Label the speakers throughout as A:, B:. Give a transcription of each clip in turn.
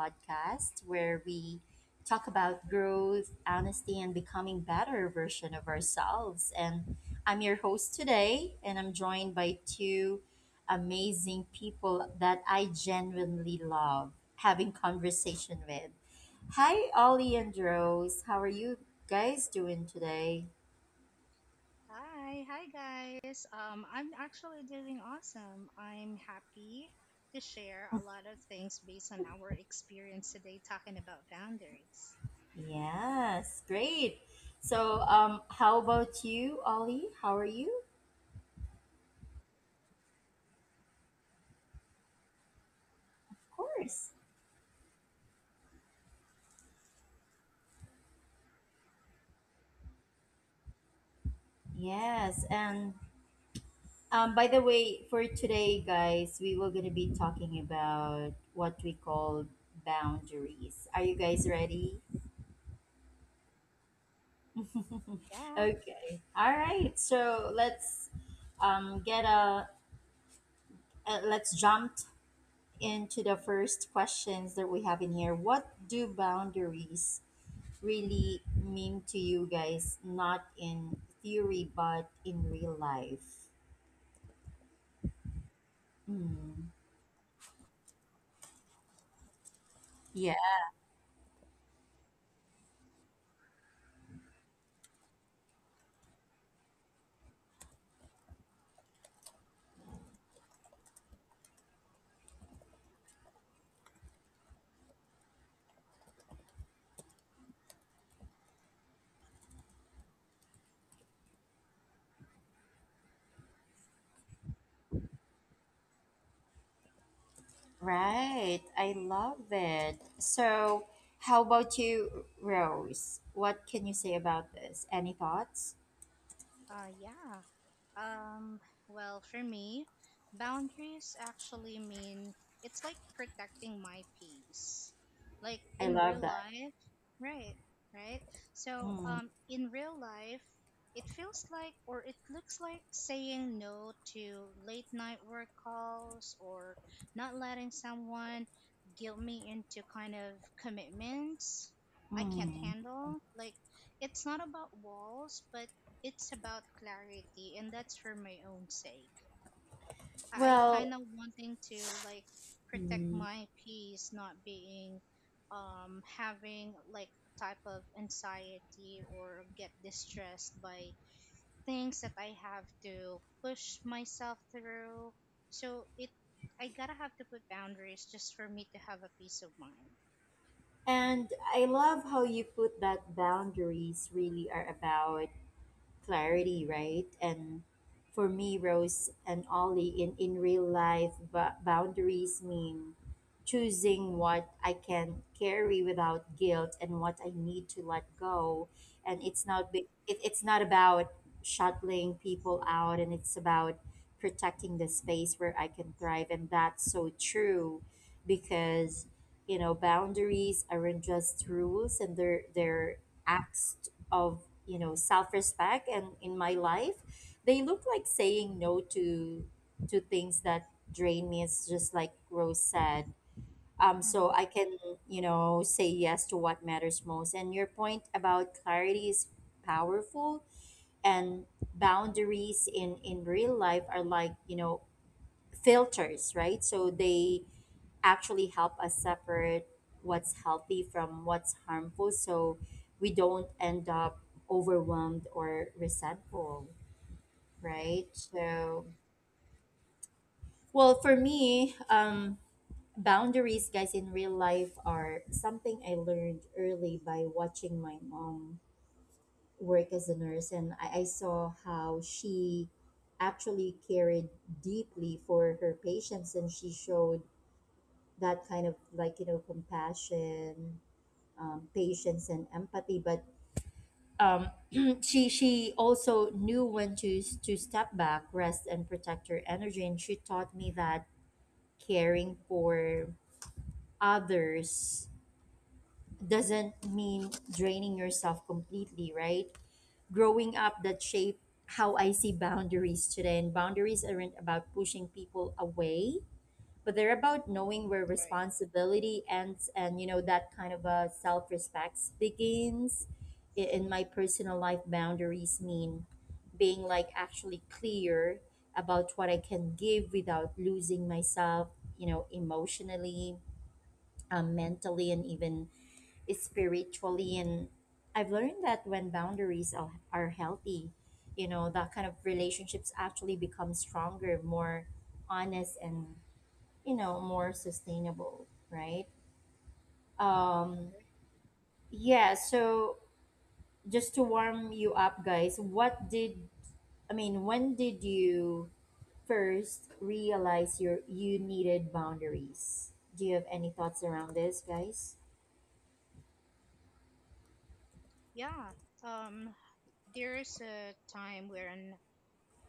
A: podcast where we talk about growth, honesty, and becoming better version of ourselves. And I'm your host today, and I'm joined by two amazing people that I genuinely love having conversation with. Hi, Ollie and Rose. How are you guys doing today?
B: Hi, hi guys. I'm actually doing awesome. I'm happy to share a lot of things based on our experience today talking about boundaries.
A: Yes, great. So, how about you, Ollie? How are you? Course. Yes. And by the way, for today, guys, we were going to be talking about what we call boundaries. Are you guys ready?
B: Yeah,
A: Okay. All right. So let's get a, let's jump into the first questions that we have in here. What do boundaries really mean to you guys? Not in theory, but in real life. Mm. Yeah. Right. I love it. So, how about you, Rose? What can you say about this? Any thoughts?
B: yeah. Um, well, for me, boundaries actually mean it's like protecting my peace. Like
A: I
B: in
A: love
B: real
A: that.
B: life, right, right? So,
A: Mm,
B: in real life, it feels like or it looks like saying no to late night work calls or not letting someone guilt me into kind of commitments I can't
A: mm.
B: handle. Like, it's not about walls, but it's about clarity, and that's for my own sake. I kind
A: Well,
B: of wanting to like protect
A: mm.
B: my peace, not being having like a type of anxiety or get distressed by things that I have to push myself through. So it I gotta have to put boundaries just for me to have a peace of mind.
A: and I love how you put that boundaries really are about clarity, right? And for me, Rose and Ollie, in real life, boundaries mean choosing what I can carry without guilt and what I need to let go. And it's not it's not about shuttling people out, and it's about protecting the space where I can thrive. And that's so true, because you know boundaries aren't just rules, and they're acts of, you know, self-respect. And in my life they look like saying no to to things that drain me. It's just like Rose said, so
B: Hmm.
A: I can, you know, say yes to what matters most. And your point about clarity is powerful, and boundaries in real life are like, you know, filters, right? So they actually help us separate what's healthy from what's harmful, so we don't end up overwhelmed or resentful,
B: Right,
A: right? So well, for me, boundaries, guys, in real life are something I learned early by watching my mom work as a nurse. And I saw how she actually cared deeply for her patients, and she showed that kind of, like, you know, compassion, patience and empathy, but um, she also knew when to to step back, rest, and protect her energy. And she taught me that caring for others doesn't mean draining yourself completely, right? Growing up, that shaped how I see boundaries today. And boundaries aren't about pushing people away, but they're about knowing where
B: right.
A: responsibility ends, and you know, that kind of a self-respect begins. In my personal life, boundaries mean being, like, actually clear about what I can give without losing myself, you know, emotionally, mentally and even spiritually. And I've learned that when boundaries are healthy, you know, that kind of relationships actually become stronger, more honest, and you know, more sustainable, right? um yeah, so just to warm you up, guys, what did I mean, when did you first realize you needed boundaries? Do you have any thoughts around this, guys?
B: Yeah. um there's a time wherein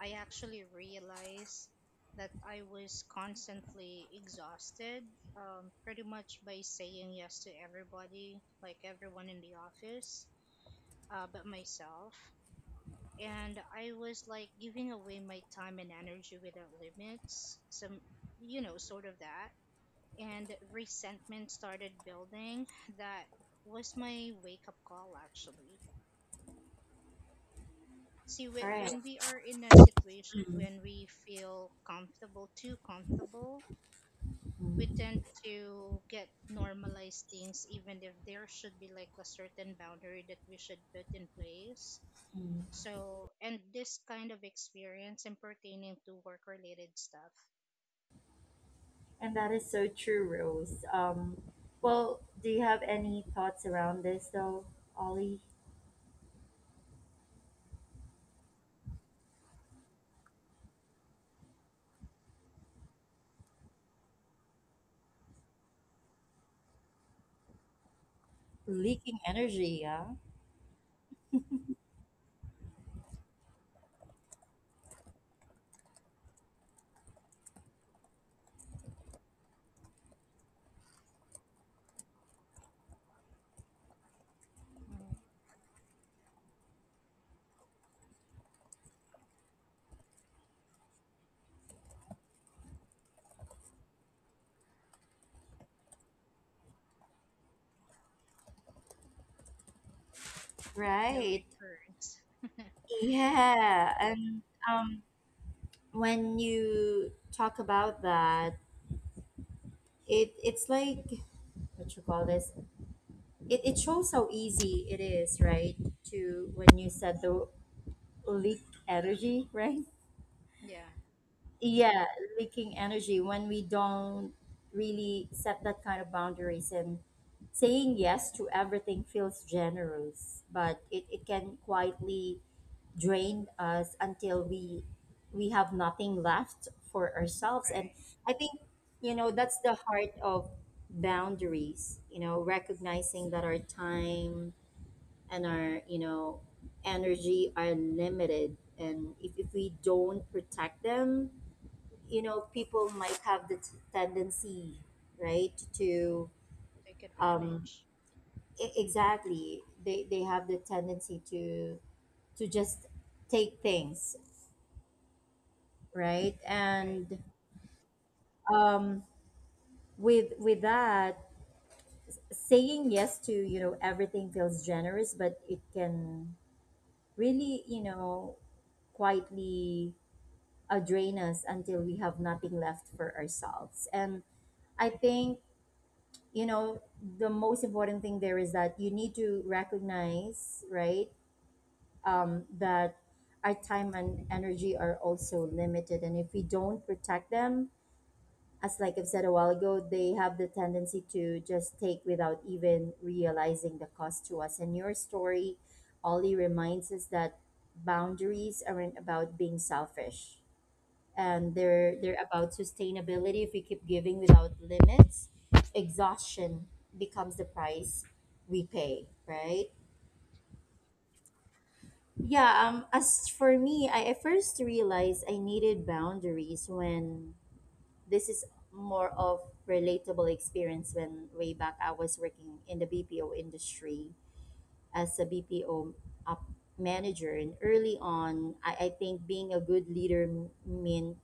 B: I actually realized that I was constantly exhausted, pretty much by saying yes to everybody, like everyone in the office, but myself. And I was like giving away my time and energy without limits, some, sort of that. And resentment started building. That was my wake up call, actually. See,
A: All
B: whe-
A: right.
B: when we are in a situation
A: Mm.
B: when we feel comfortable, too comfortable, we
A: Mhm.
B: tend to get normalized things, even if there should be like a certain boundary that we should put in place. So, and this kind of experience and pertaining to work related stuff,
A: And that is so true, Rose. Well, do you have any thoughts around this, though, Ollie? Leaking energy, yeah.
B: mhm, no
A: Right.
B: recurrence.
A: Yeah, and um, when you talk about that, it's like, what you call this, it shows how easy it is, right, to, when you said the leak energy, right?
B: Yeah,
A: Yeah, leaking energy when we don't really set that kind of boundaries. And saying yes to everything feels generous, but it can quietly drained us until we have nothing left for ourselves. And
B: right.
A: I think, you know, that's the heart of boundaries, you know, recognizing that our time and our, you know, energy are limited. And if we don't protect them, you know, people might have the tendency, right, to
B: Take
A: um
B: advantage.
A: e- exactly, they have the tendency to just take things, right?
B: Right.
A: And um with that, saying yes to, you know, everything feels generous, but it can really, you know, quietly drain us until we have nothing left for ourselves. And I think, you know, the most important thing there is that you need to recognize, right, that our time and energy are also limited. And if we don't protect them, as like I've said a while ago, they have the tendency to just take without even realizing the cost to us. And your story, Ollie, reminds us that boundaries aren't about being selfish. And they're about sustainability. If we keep giving without limits, exhaustion becomes the price we pay, right? Yeah, as for me, I first realized I needed boundaries when, this is more of relatable experience, when way back I was working in the BPO industry as a BPO up manager. And early on, I think being a good leader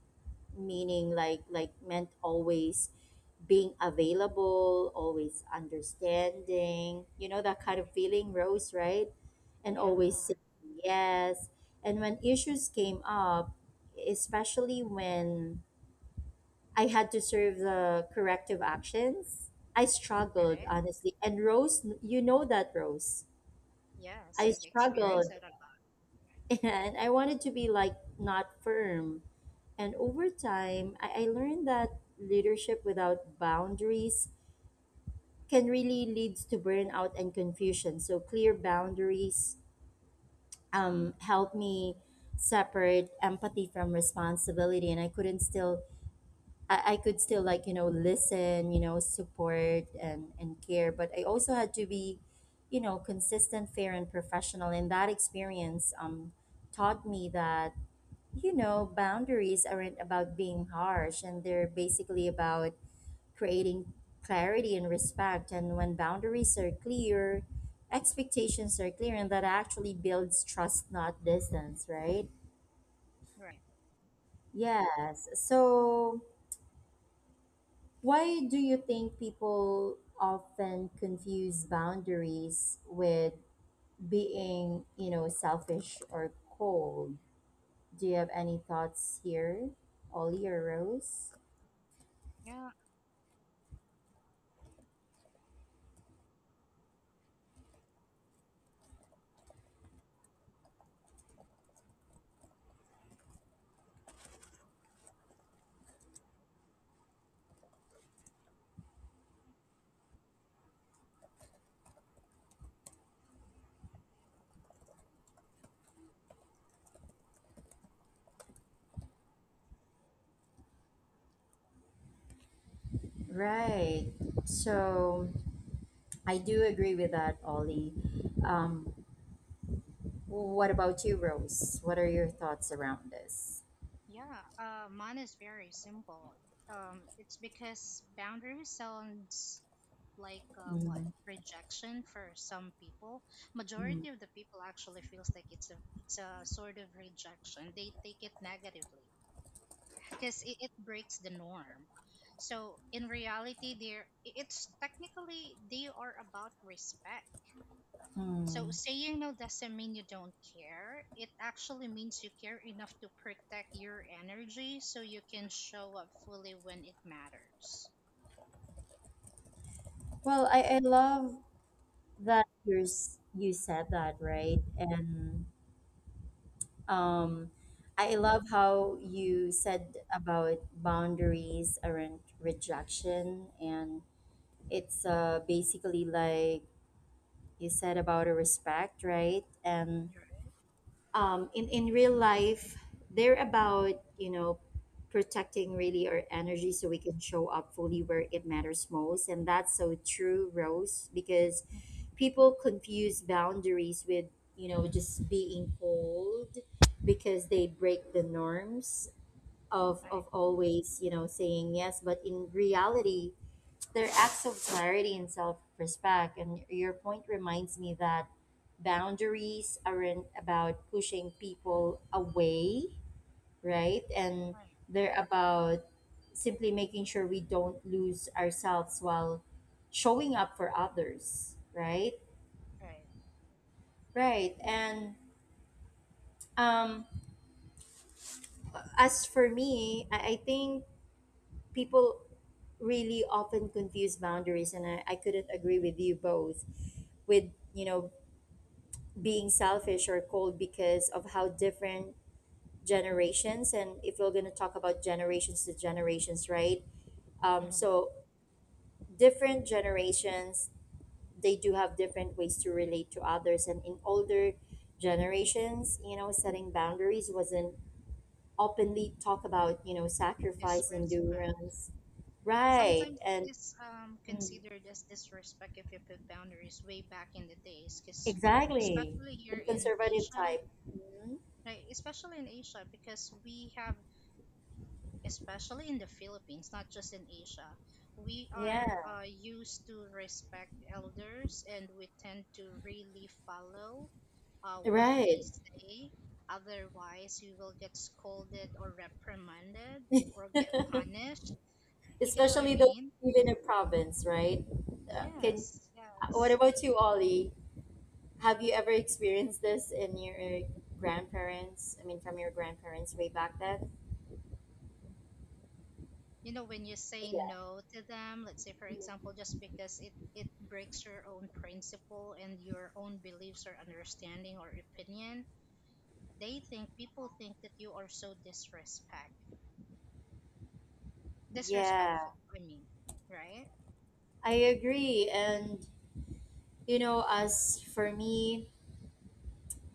A: meaning, like, meant always being available, always understanding, you know, that kind of feeling, Rose, right? And
B: Yeah,
A: always saying yes. And when issues came up, especially when I had to serve the corrective actions, I struggled,
B: right.
A: honestly. And Rose, you know that, Rose.
B: Yes,
A: I
B: I've experienced
A: struggled
B: that a lot.
A: and I wanted to be like not firm. And over time, I learned that leadership without boundaries can really lead to burnout and confusion. So clear boundaries helped me separate empathy from responsibility, and I couldn't still I could still, like, you know, listen, you know, support and care, but I also had to be, you know, consistent, fair and professional. And that experience taught me that, you know, boundaries aren't about being harsh, and they're basically about creating clarity and respect. And when boundaries are clear, expectations are clear, and that actually builds trust, not distance, right?
B: Right.
A: Yes. So why do you think people often confuse boundaries with being, you know, selfish or cold? Do you have any thoughts here, Ollie or Rose?
B: Yeah.
A: Right. So I do agree with that, Ollie. Um, what about you, Rose? What are your thoughts around this?
B: Yeah, mine is very simple. It's because boundaries sounds like what,
A: Mm,
B: rejection for some people.
A: mm,
B: Majority of the people actually feels like it's a sort of rejection. They take it negatively because it breaks the norm. So in reality, it's technically they are about respect. So
A: mm.
B: saying no doesn't mean you don't care. It actually means you care enough to protect your energy so you can show up fully when it matters.
A: Well, I love that you're, you said that, right? And Um, I love how you said about boundaries around rejection, and it's basically like you said about a respect, right? And
B: You're right.
A: in real life, they're about, you know, protecting really our energy so we can show up fully where it matters most. And that's so true, Rose, because
B: Mhm.
A: people confuse boundaries with, you know, just being cold because they break the norms
B: Right,
A: of always, you know, saying yes, but in reality they're acts of clarity and self respect. And your point reminds me that boundaries aren't about pushing people away, right? And
B: right,
A: they're about simply making sure we don't lose ourselves while showing up for others, right?
B: right.
A: Right. And um, as for me, I think people really often confuse boundaries, and I couldn't agree with you both with, you know, being selfish or cold because of how different generations. And if we're going to talk about generations to generations, right,
B: Hmm.
A: so different generations, they do have different ways to relate to others. And in older generations, you know, setting boundaries wasn't openly talk about, you know, sacrifice,
B: Disrespect.
A: endurance, right?
B: Sometimes it
A: And
B: is
A: mm,
B: considered as disrespect if you put boundaries way back in the days, because
A: exactly,
B: especially
A: the
B: here in
A: conservative
B: Asia,
A: type. Mhm.
B: right? Especially in Asia, because we have especially in the Philippines, not just in Asia. We
A: Yeah,
B: are used to respect elders, and we tend to really follow what they
A: right.
B: say. Otherwise, you will get scolded or reprimanded or get punished. You get what I
A: Especially those
B: mean?
A: who live in a province, right? Can,
B: Yes,
A: what
B: yes.
A: about you, Ollie? Have you ever experienced this in your grandparents? I mean, from your grandparents way back then?
B: You know, when you say
A: Yeah,
B: no to them, let's say, for example, just because it breaks your own principle and your own beliefs or understanding or opinion, they think people think that you are so disrespect
A: yeah,
B: disrespectful I mean, right.
A: I agree. And you know, as for me,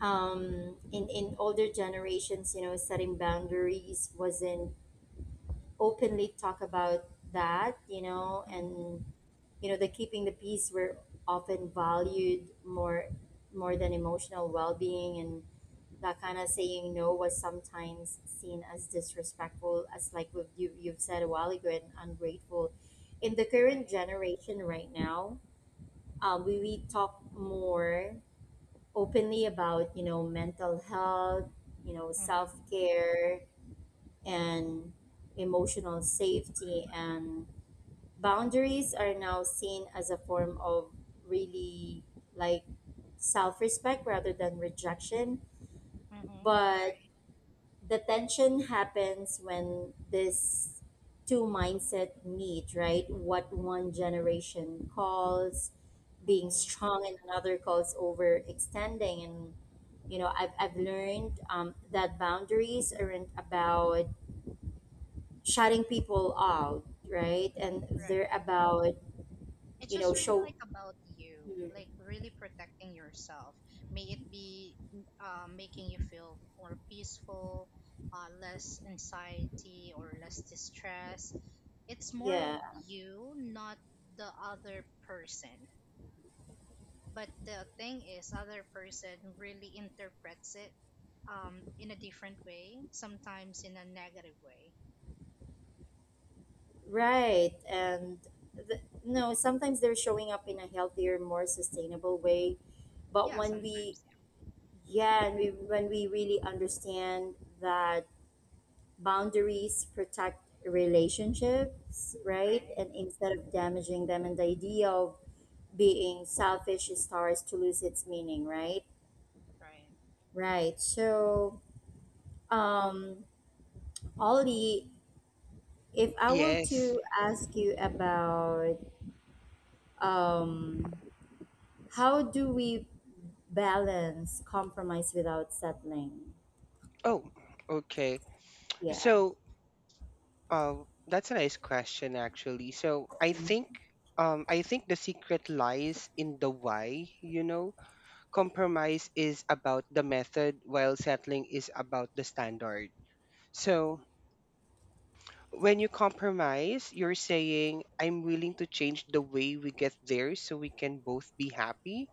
A: in older generations, you know, setting boundaries wasn't openly talk about that, you know,
B: Mm-hmm.
A: and you know the keeping the peace were often valued more more than emotional well-being. And that kind of saying no was sometimes seen as disrespectful, as like what you've said a while ago, and ungrateful. In the current
B: Right.
A: generation right now, we talk more openly about, you know, mental health, you know,
B: Mm-hmm.
A: self-care and emotional safety. And boundaries are now seen as a form of really, like, self respect rather than rejection.
B: Mm-hmm.
A: But
B: Right.
A: the tension happens when this two mindset meet, right? What one generation calls being
B: Mm-hmm.
A: strong, and another calls overextending. And you know, I've learned that boundaries aren't about shutting people out, right? And they're
B: Right.
A: about,
B: It's
A: you know,
B: just really
A: show.
B: like about you, like really protecting yourself. May it be making you feel more peaceful, less anxiety or less distress. It's more of
A: Yeah,
B: you, not the other person, but the thing is other person really interprets it in a different way, sometimes in a negative way.
A: right. And the, no, sometimes they're showing up in a healthier, more sustainable way. But
B: Yeah.
A: when we,
B: Sometimes. Yeah.
A: yeah, and when we really understand that boundaries protect relationships, right,
B: Right,
A: and instead of damaging them, and the idea of being selfish starts to lose its meaning, right?
B: right,
A: Right. So, um, Ollie, if I were
C: Yes.
A: to ask you about um how do we balance compromise without settling?
C: Oh, okay.
A: Yeah,
C: So, that's a nice question, actually. So, I think the secret lies in the why, you know. Compromise is about the method, while settling is about the standard. So, when you compromise, you're saying, I'm willing to change the way we get there so we can both be happy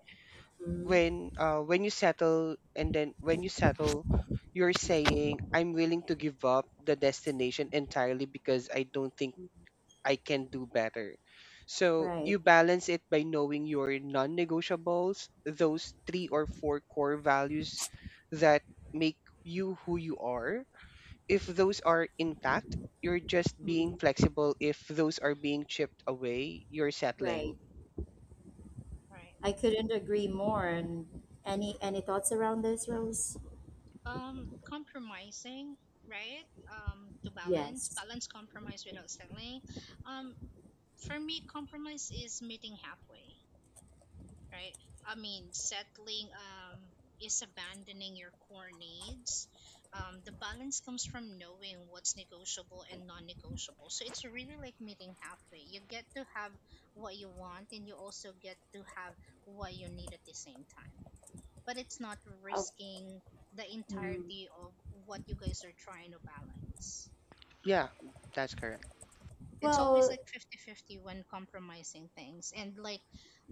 A: hmm,
C: when when you settle and then when you settle you're saying I'm willing to give up the destination entirely because I don't think I can do better. So
A: right,
C: you balance it by knowing your non-negotiables, those three or four core values that make you who you are. If those are intact, you're just being
A: mm,
C: flexible. If those are being chipped away, you're settling.
A: right.
B: right.
A: I couldn't agree more. And any thoughts around this, Rose?
B: Compromising, right. To balance
A: Yes.
B: balance compromise without settling. um for me, compromise is meeting halfway, right? I mean, settling is abandoning your core needs. The balance comes from knowing what's negotiable and non negotiable. So it's really like meeting halfway. You get to have what you want, and you also get to have what you need at the same time. But it's not
A: Of
B: risking the
A: mm,
B: entirety of what you guys are trying to balance.
C: Yeah, that's correct.
B: It's always
A: well,
B: like 50-50 when compromising things, and like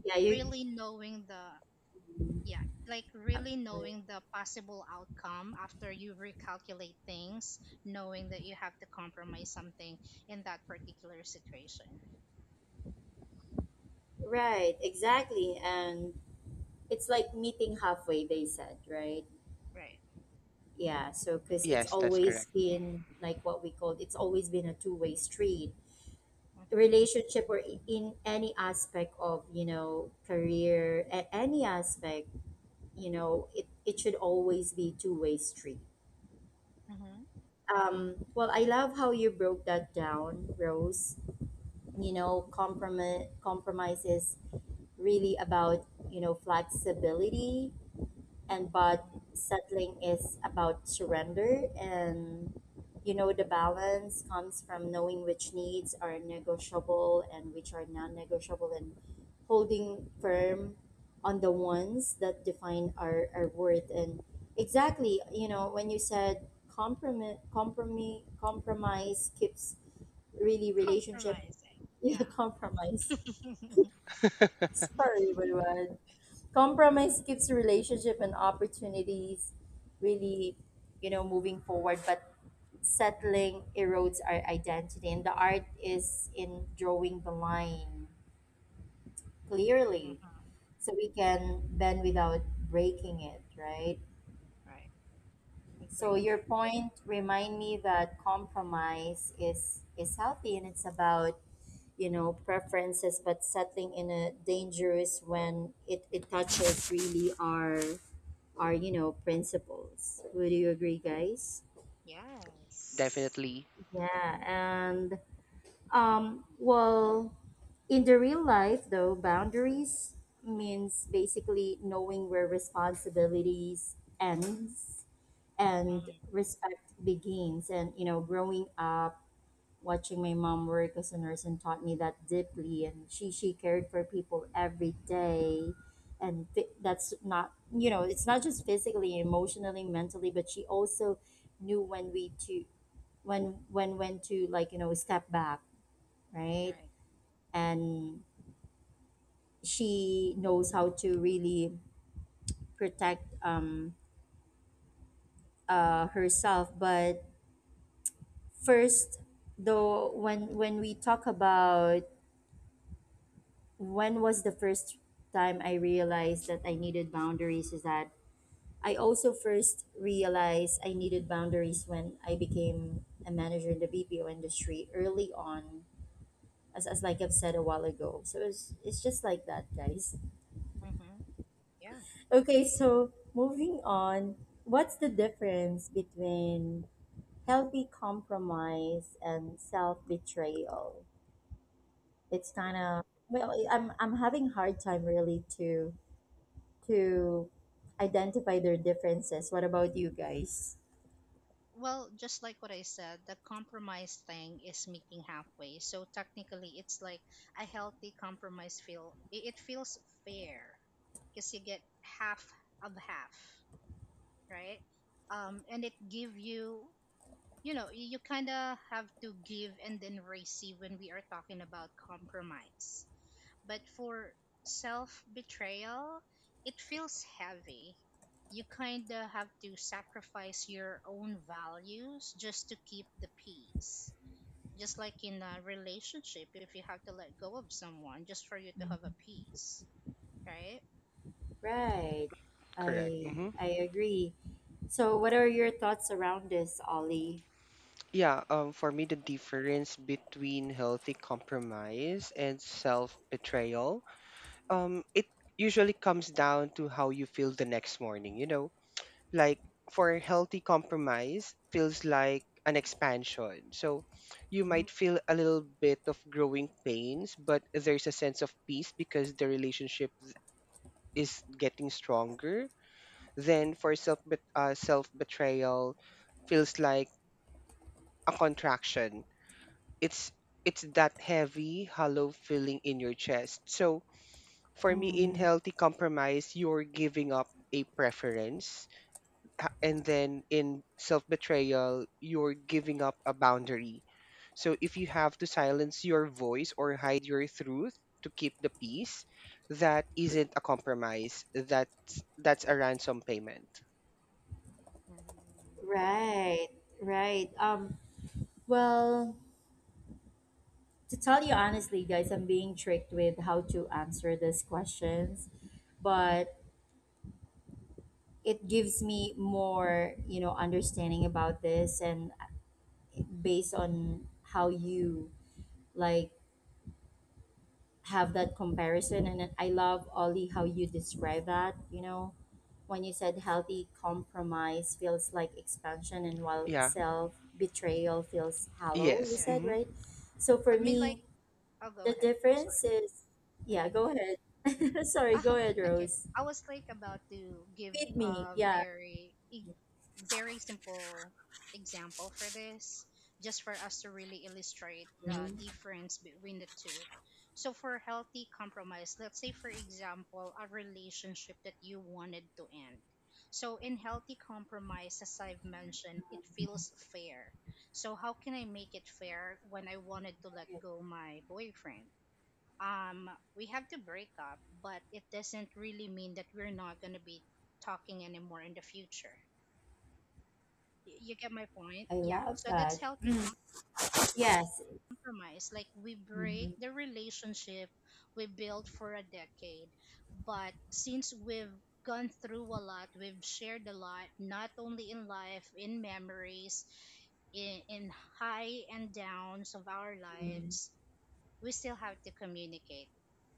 A: yeah, you.
B: really knowing the yeah, like really
A: Right.
B: knowing the possible outcome after you recalculate things, knowing that you have to compromise something in that particular situation.
A: Right, exactly. And it's like meeting halfway, they said, right?
B: Right.
A: Yeah, so because it's
C: Yes, that's
A: always
C: correct,
A: been like what we called, it's always been a two-way street.
B: Mm-hmm.
A: Relationship or in any aspect of career, any aspect, it should always be two-way street.
B: Mm-hmm.
A: Well, I love how you broke that down, Rose. You know, compromise is really about, you know, flexibility and but
B: Mm-hmm.
A: settling is about surrender. And you know, the balance comes from knowing which needs are negotiable and which are non-negotiable, and holding firm on the ones that define our worth. And exactly, you know, when you said compromise keeps really relationship
B: Compromising.
A: yeah,
B: Yeah.
A: compromise, sorry everyone, compromise keeps relationship and opportunities really, you know, moving forward, but settling erodes our identity, and the art is in drawing the line clearly
B: Mm-hmm.
A: so we can bend without breaking it, right?
B: Right.
A: So
B: Agree.
A: your point remind me that compromise is healthy and it's about, you know, preferences, but settling in a dangerous when it touches really our are, you know, principles. Would you agree, guys?
B: Yes.
C: definitely
A: Yeah. And um, well, in the real life though, boundaries means basically knowing where responsibilities ends and
B: Mm-hmm.
A: respect begins. And you know, growing up watching my mom work as a nurse and taught me that deeply, and she cared for people every day, and that's not, you know, it's not just physically, emotionally, mentally, but she also knew when we to when to like, you know, step back, right?
B: Right.
A: And she knows how to really protect herself. But first though, when we talk about when was the first time I realized that I needed boundaries, is that I also first realized I needed boundaries when I became a manager in the BPO industry early on, as, like I've said a while ago. So it's just like that, guys.
B: Mm-hmm. Yeah.
A: Okay, so moving on, what's the difference between healthy compromise and self betrayal? It's kind of well, I'm having hard time really to identify their differences. What about you guys?
B: Well, just like what I said, the compromise thing is meeting halfway. So technically, it's like a healthy compromise feel. It feels fair because you get half of half, right? And it give you, you kind of have to give and then receive when we are talking about compromise, but for self betrayal, it feels heavy. You kind of have to sacrifice your own values just to keep the peace. Just like in a relationship, if you have to let go of someone just for you to have a peace, right?
A: Right.
C: correct.
A: I I agree. So what are your thoughts around this, Ollie?
C: Yeah, for me, the difference between healthy compromise and self-betrayal, it usually comes down to how you feel the next morning, you know? Like for healthy compromise, feels like an expansion. So you might feel a little bit of growing pains, but there's a sense of peace because the relationship is getting stronger. Then for self-betrayal, feels like a contraction. It's it's that heavy hollow feeling in your chest. So for me in
A: Mm,
C: healthy compromise, you're giving up a preference, and then in self betrayal you're giving up a boundary. So if you have to silence your voice or hide your truth to keep the peace, that isn't a compromise, that's a ransom payment.
B: Mm.
A: right. Right. Well, to tell you honestly, guys, I'm being tricked with how to answer these questions, but it gives me more, you know, understanding about this and based on how you like have that comparison. And then I love, Ollie, how you describe that, you know, when you said healthy compromise feels like expansion and while
C: Yeah,
A: self betrayal feels hollow, you
B: All
C: yes,
A: said,
B: right.
C: mm-hmm.
A: right? So
B: Let
A: for
B: me, like,
A: me,
B: I'll go
A: the
B: ahead.
A: difference is yeah, go ahead sorry, go ahead,
B: Okay.
A: Rose,
B: I was like about to give
A: feed me.
B: a
A: Yeah.
B: very simple example for this, just for us to really illustrate the
A: Mhm.
B: difference between the two. So for healthy compromise, let's say for example, a relationship that you wanted to end. So in healthy compromise, as I've mentioned, it feels fair. So how can I make it fair when I wanted to let go my boyfriend? um, we have to break up, but it doesn't really mean that we're not going to be talking anymore in the future. You get my point?
A: I
B: Yeah.
A: love
B: So that's
A: that.
B: healthy
A: Yes.
B: compromise. Like we break the relationship we built for a decade, but since we've gone through a lot, we've shared a lot, not only in life, in memories, in high and downs of our
A: Mhm.
B: lives. We still have to communicate.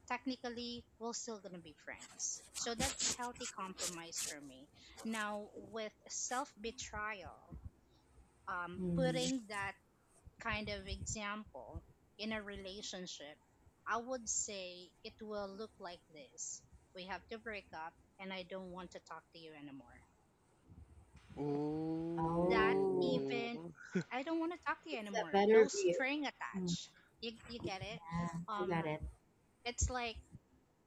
B: Technically, we're still going to be friends. So that's healthy compromise for me. Now, with self betrayal,
A: Mhm.
B: putting that kind of example in a relationship, I would say it will look like this. We have to break up, and I don't want to talk to you anymore. That
A: Oh,
B: even,
C: Ooh.
B: I don't want to talk to you
A: it's a
B: anymore. No
A: better view.
B: string
A: Mm,
B: attached. You get it?
A: yeah, I
B: Um,
A: got it.
B: it's like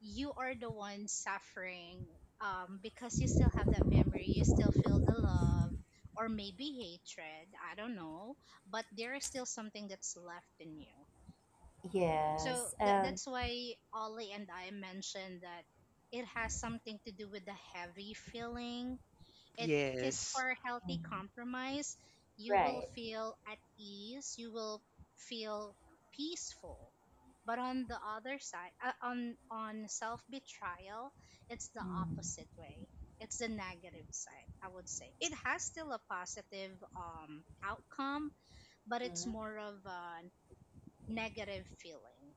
B: you are the one suffering, because you still have that memory, you still feel the love or maybe hatred, I don't know, but there is still something that's left in you. So
A: Yes.
B: tha- that's why Ollie and I mentioned that it has something to do with the heavy feeling. It is,
C: Yes,
B: for a healthy
A: Mm.
B: compromise, you will
A: Right?
B: feel at ease, you will feel peaceful. But on the other side, on self betrayal, it's the
A: Mm.
B: opposite way. It's the negative side, I would say. It has still a positive outcome, but it's
A: Mhm.
B: more of a negative feeling.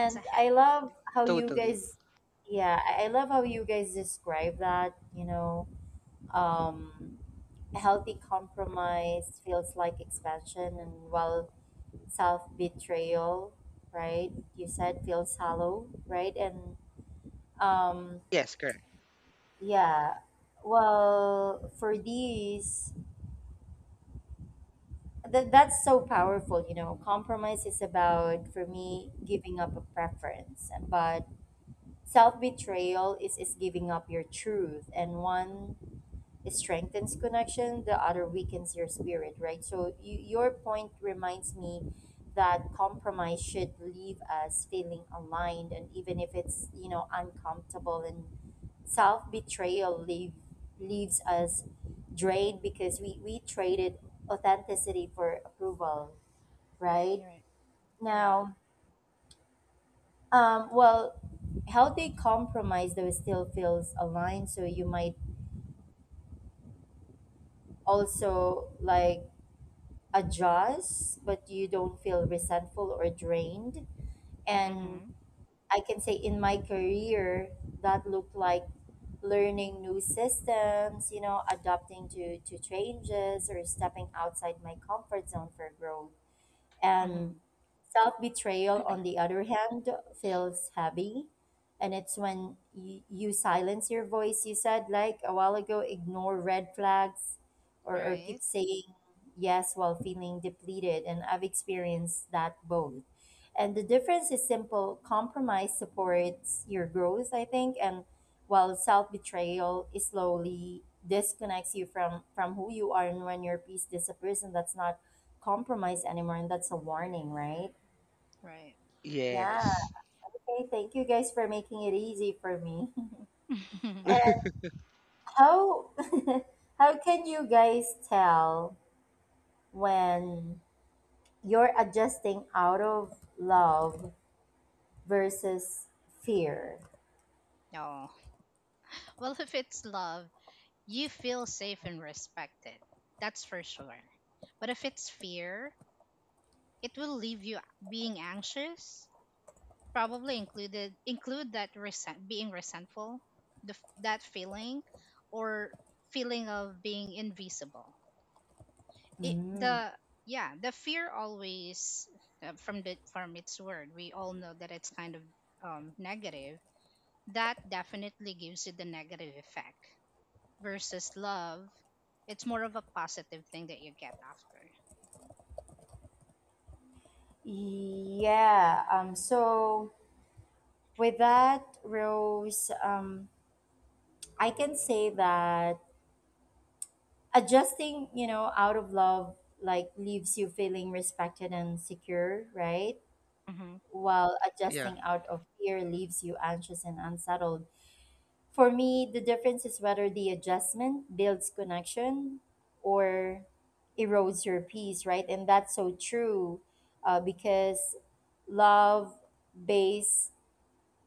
B: It's a
A: I
B: heavy
A: love
B: one.
A: how you
B: Hmm.
C: totally,
A: guys, yeah, I love how you guys describe that, you know, um, healthy compromise feels like expansion and while self betrayal, right? You said feels hollow, right? And um,
C: yes, correct.
A: yeah, well, for these, that's so powerful, you know. Compromise is about, for me, giving up a preference, but self betrayal is giving up your truth, and one strengthens connection, the other weakens your spirit, right? So, you, your point reminds me that compromise should leave us feeling aligned, and even if it's, you know, uncomfortable, and self betrayal leaves us drained because we traded authenticity for approval, right?
B: Right. Right.
A: Now, um, well, healthy compromise though still feels aligned, so you might also like adjust, but you don't feel resentful or drained. And
B: Mm-hmm.
A: I can say in my career, that looked like learning new systems, you know, adapting to changes or stepping outside my comfort zone for growth. And
B: Mm-hmm.
A: self betrayal, on the other hand, feels heavy. And it's when you silence your voice, you said like a while ago, ignore red flags, or
B: Right.
A: keep saying yes while feeling depleted. And I've experienced that both. And the difference is simple compromise supports your growth, I think. And while self betrayal is slowly disconnects you from, who you are, and when your peace disappears, and that's not compromise anymore, and that's a warning, right? Yeah.
C: Yes.
A: Okay, thank you guys for making it easy for me.
B: Right.
A: And how how can you guys tell when you're adjusting out of love versus fear?
B: Oh. Well, if it's love, you feel safe and respected. That's for sure. But if it's fear, it will leave you being anxious, probably include that resent being resentful, that feeling or feeling of being invisible. It
A: Mm.
B: the yeah, the fear always, from the from its word, we all know that it's kind of negative. That definitely gives you the negative effect versus love, it's more of a positive thing that you get after.
A: Yeah. So with that, Rose, I can say that adjusting, you know, out of love like leaves you feeling respected and secure, right?
B: Hmm.
A: While
C: Yeah.
A: adjusting out of fear leaves you anxious and unsettled. For me, the difference is whether the adjustment builds connection or erodes your peace, right? And that's so true, because love based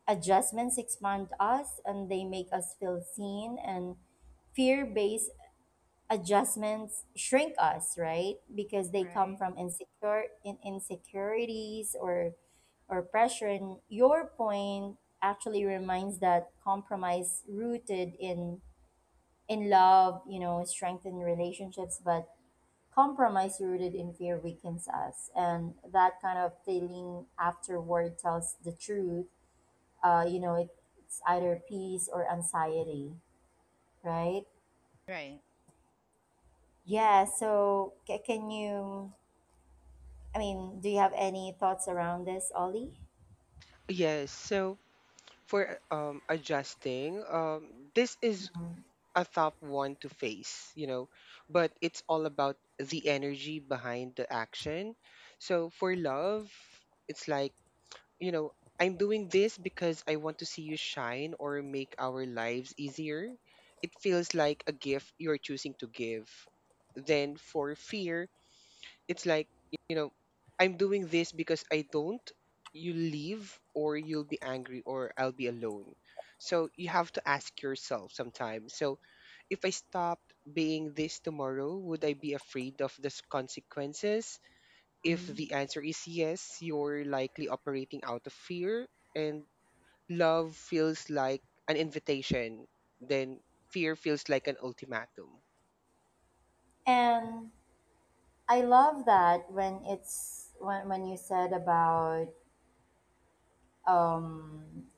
A: adjustments expand us and they make us feel seen, and fear based adjustments shrink us, right? Because they come
B: Right.
A: from insecure in insecurities or pressure. And your point actually reminds that compromise rooted in love, you know, strengthen relationships, but compromise rooted in fear weakens us. And that kind of feeling afterward tells the truth. You know, it's either peace or anxiety, right?
B: Right.
A: Yeah, so ca can you, I mean, do you have any thoughts around this, Ollie?
C: Yes. So for adjusting, this is a tough one to face, you know, but it's all about the energy behind the action. So for love, it's like, you know, I'm doing this because I want to see you shine or make our lives easier. It feels like a gift you're choosing to give. Then for fear, it's like, you know, I'm doing this because I don't you leave or you'll be angry or I'll be alone. So you have to ask yourself sometimes, so if I stopped being this tomorrow, would I be afraid of the consequences? If
A: Mm.
C: the answer is yes, you're likely operating out of fear. And love feels like an invitation, then fear feels like an ultimatum.
A: And I love that when it's when you said about um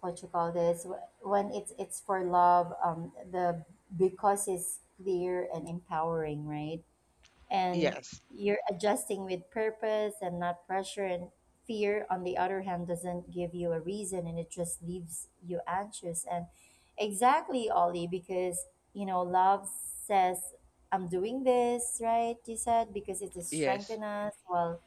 A: what you call this when it's for love, the because is clear and empowering, right? And
C: Yes,
A: you're adjusting with purpose and not pressure. And fear, on the other hand, doesn't give you a reason and it just leaves you anxious. And exactly, Ollie, because you know, love says I'm doing this, right? You said because it is
C: yes,
A: strengthen us, while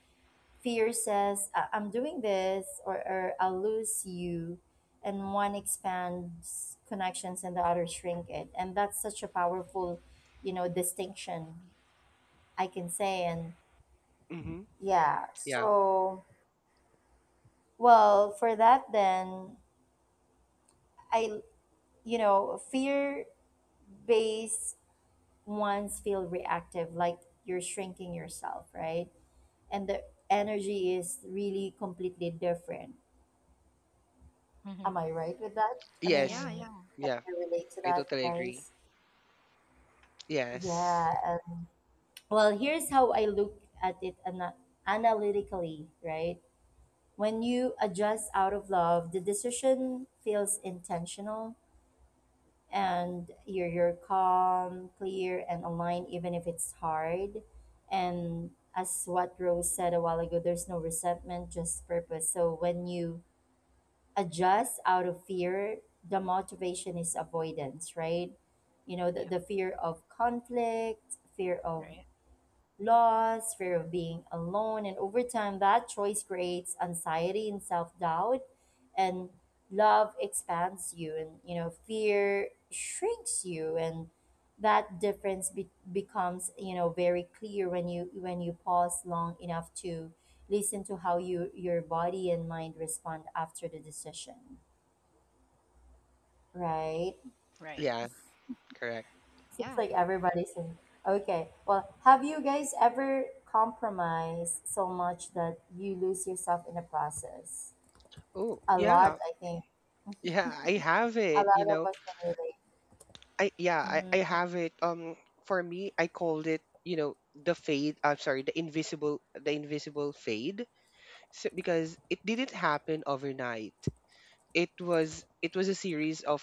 A: fear says I'm doing this or I'll lose you," and one expands connections and the other shrink it, and that's such a powerful, you know, distinction I can say. And
C: hmm,
A: yeah,
C: yeah,
A: so, well, for that, then I, you know, fear based ones feel reactive, like you're shrinking yourself, right? And the energy is really completely different. Am
B: Hmm.
A: I right with that? I mean,
C: yes,
B: Yeah. Yeah.
A: can
C: yeah,
A: you relate to
C: I
A: that,
C: totally agree.
A: guys?
C: Yes.
A: Yeah. And, well, here's how I look at it analytically, right? When you adjust out of love, the decision feels intentional and you're calm, clear, and aligned even if it's hard. And as what Rose said a while ago, there's no resentment, just purpose. So when you adjust out of fear, the motivation is avoidance, right? You know, the,
B: Yeah.
A: the fear of conflict, fear of
B: Right.
A: loss, fear of being alone, and over time, that choice creates anxiety and self doubt, and love expands you, and you know, fear shrinks you, and that difference becomes, you know, very clear when you pause long enough to listen to how you your body and mind respond after the decision, right?
B: Right.
C: Yeah, correct.
A: Seems
B: Yeah.
A: like everybody's in. Okay. Well, have you guys ever compromised so much that you lose yourself in the process?
C: Oh,
A: A lot,
C: yeah.
A: I think.
C: Yeah, I have
A: A
C: it,
A: lot
C: you
A: of
C: know.
A: us can relate.
C: I have it. For me, I called it, you know, the fade, I'm sorry, the invisible fade. So, because it didn't happen overnight. It was a series of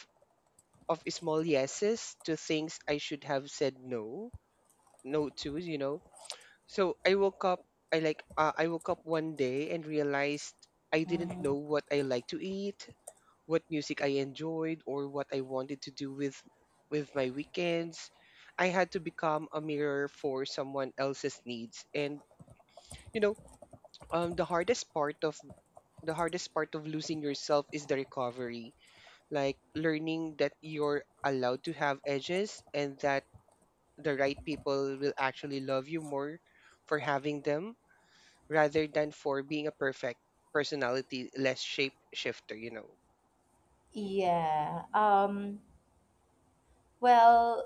C: of small yeses to things I should have said no to, you know. So I woke up. I woke up one day and realized I didn't
A: Mm-hmm.
C: know what I like to eat, what music I enjoyed, or what I wanted to do with my weekends. I had to become a mirror for someone else's needs. And, you know, the hardest part, of losing yourself is the recovery. Like learning that you're allowed to have edges and that the right people will actually love you more for having them rather than for being a perfect personality less shape shifter, you know.
A: Yeah. Well,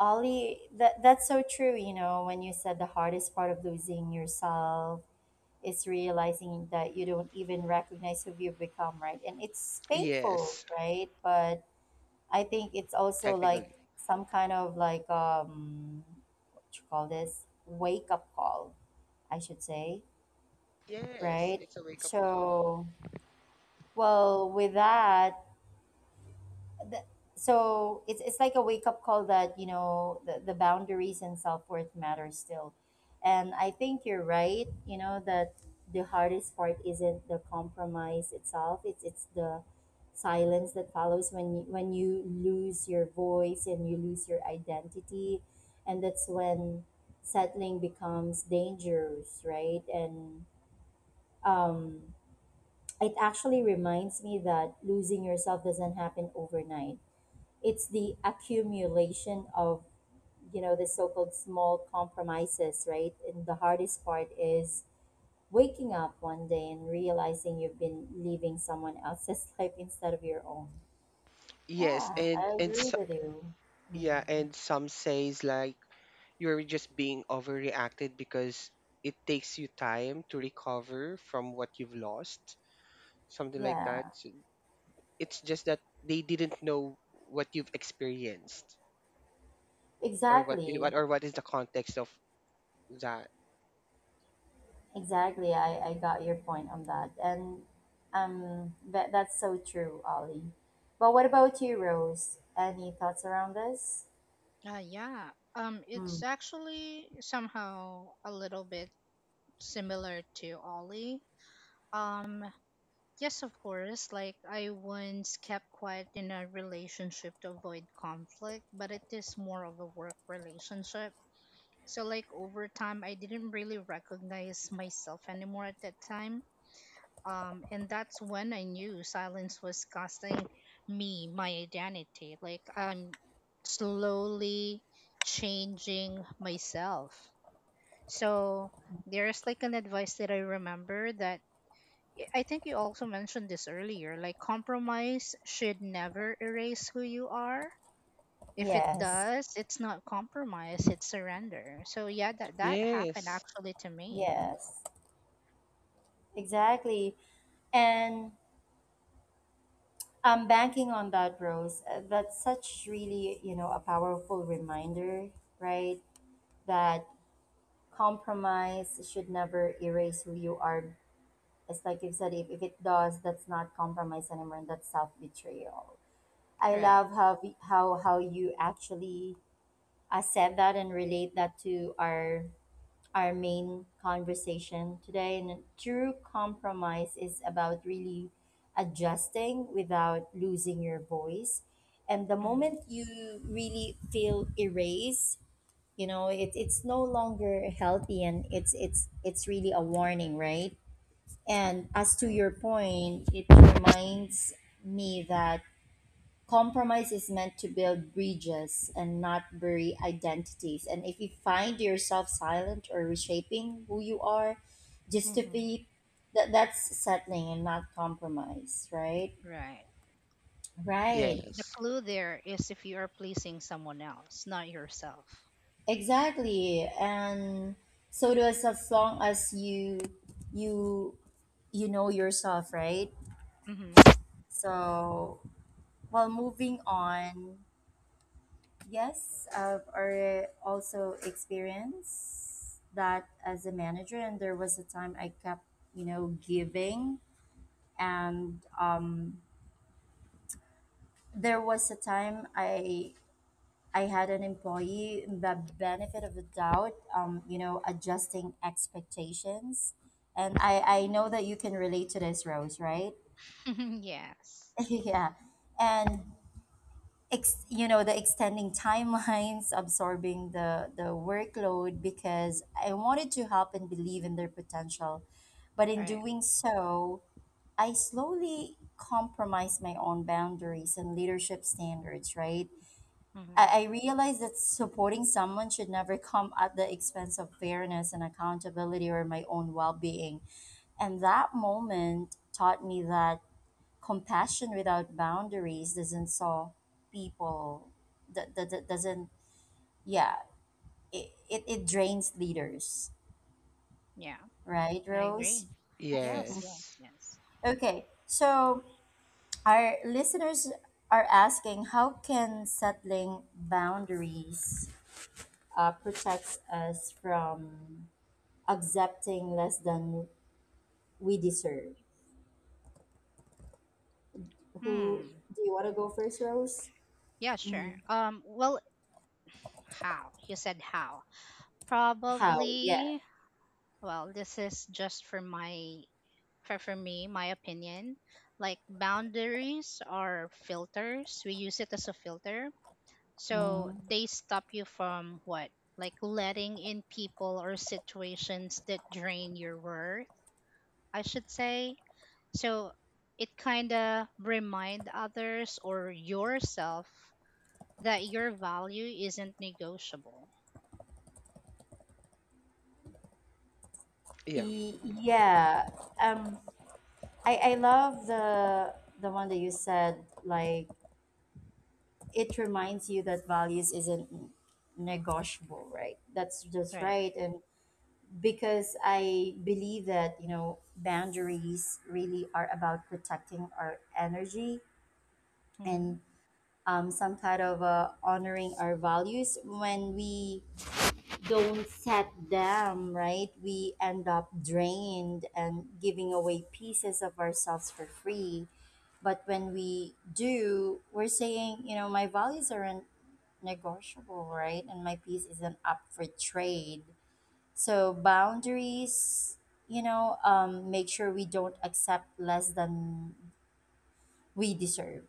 A: Ollie, that's so true, you know, when you said the hardest part of losing yourself is realizing that you don't even recognize who you've become, right? And it's painful,
C: Yes,
A: right? But I think it's also like
C: technically.
A: some kind of like what you call this wake up call, I should say,
C: Yes,
A: right?
C: it's a wake up call.
A: So, well, with that, th- so it's like a wake up call that you know the boundaries and self worth matter still, and I think you're right. You know that the hardest part isn't the compromise itself. It's the silence that follows when you lose your voice and you lose your identity, and that's when settling becomes dangerous, right? And um, it actually reminds me that losing yourself doesn't happen overnight, it's the accumulation of, you know, the so-called small compromises, right? And the hardest part is waking up one day and realizing you've been living someone else's life instead of your own.
C: Yes,
A: Yeah, I
C: and
A: agree
C: so,
A: with you. Mm,
C: yeah, and some says like you're just being overreacted because it takes you time to recover from what you've lost, something like that.
A: yeah,
C: So it's just that they didn't know what you've experienced or what
A: exactly,
C: or what is the context of that.
A: exactly, I got your point on that. And um, that's so true, Ollie, but what about you, Rose? Any thoughts around this?
B: Yeah. It's
A: Mm,
B: actually somehow a little bit similar to Ollie. Um, yes, of course. Like, I once kept quiet in a relationship to avoid conflict, but it is more of a work relationship. So, like, over time, I didn't really recognize myself anymore at that time. And that's when I knew silence was costing me my identity. Like, I'm slowly changing myself. So, there's like an advice that I remember that I think you also mentioned this earlier. Like, compromise should never erase who you are. If it
A: yes,
B: does, it's not compromise, it's surrender. So, yeah, that happened
C: Yes.
B: actually to me.
A: yes. Exactly. And I'm banking on that, Rose. That's such really, you know, a powerful reminder, right? That compromise should never erase who you are. It's like you've said, if, it does, that's not compromise anymore, and that's self betrayal. I
B: Right.
A: love how, how, you actually, said that and relate that to our main conversation today. And true compromise is about really adjusting without losing your voice. And the
B: Mm,
A: moment you really feel erased, you know, it's no longer healthy and it's it's really a warning, right? And as to
B: right.
A: your point, it reminds me that compromise is meant to build bridges and not bury identities. And if you find yourself silent or reshaping who you are just to
B: Hmm.
A: fit, that, that's settling and not compromise, right?
B: Right.
A: Right.
B: The
C: Yes.
B: clue there is if you are pleasing someone else, not yourself.
A: Exactly. And so does as long as you you know yourself, right?
B: Mm-hmm.
A: So, moving on. Yes, I've also experienced that as a manager, and there was a time I kept, you know, giving, and there was a time I had an employee the benefit of the doubt, you know, adjusting expectations, and I know that you can relate to this, Rose, right?
B: Yes.
A: Yeah, and you know, the extending timelines, absorbing the workload, because I wanted to help and believe in their potential, but in
B: Right.
A: doing so I slowly compromised my own boundaries and leadership standards. Right,
B: Mm-hmm.
A: I realized that supporting someone should never come at the expense of fairness and accountability or my own well-being, and that moment taught me that compassion without boundaries doesn't solve people. That doesn't, yeah, it drains leaders,
B: Yeah,
A: right,
B: I
A: Rose?
B: agree. Yes, yes,
C: Yes.
B: yes.
A: Okay, so our listeners are asking, how can settling boundaries protects us from accepting less than we deserve? Who
B: Hmm.
A: do you want to go first, Rose?
B: Yeah, sure. Well, how? You said how.
A: How? Yeah.
B: Probably, well, this is just for me, my opinion. Like boundaries are filters. We use it as a filter. So
A: Mm.
B: they stop you from what? Like letting in people or situations that drain your worth, I should say. So it kind of remind others or yourself that your value isn't negotiable.
C: Yeah.
A: Yeah, um I love the one that you said, like, it reminds you that values isn't negotiable, right? That's just
B: Right.
A: right, and because I believe that, you know, boundaries really are about protecting our energy
B: Hmm.
A: and some kind of honoring our values. When we don't set them right, we end up drained and giving away pieces of ourselves for free. But when we do, we're saying, you know, my values aren't negotiable, right? And my piece isn't up for trade. So boundaries, you know, make sure we don't accept less than we deserve,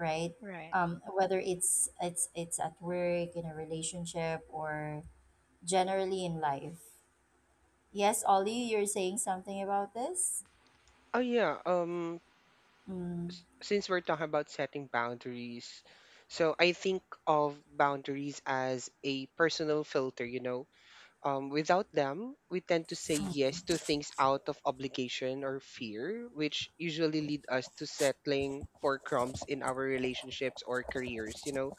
A: right?
B: Right.
A: Whether it's it's at work, in a relationship, or generally in life. Yes, Ollie, you're saying something about this?
C: Oh yeah. Since we're talking about setting boundaries, so I think of boundaries as a personal filter, you know. Without them, we tend to say yes to things out of obligation or fear, which usually lead us to settling for crumbs in our relationships or careers, you know.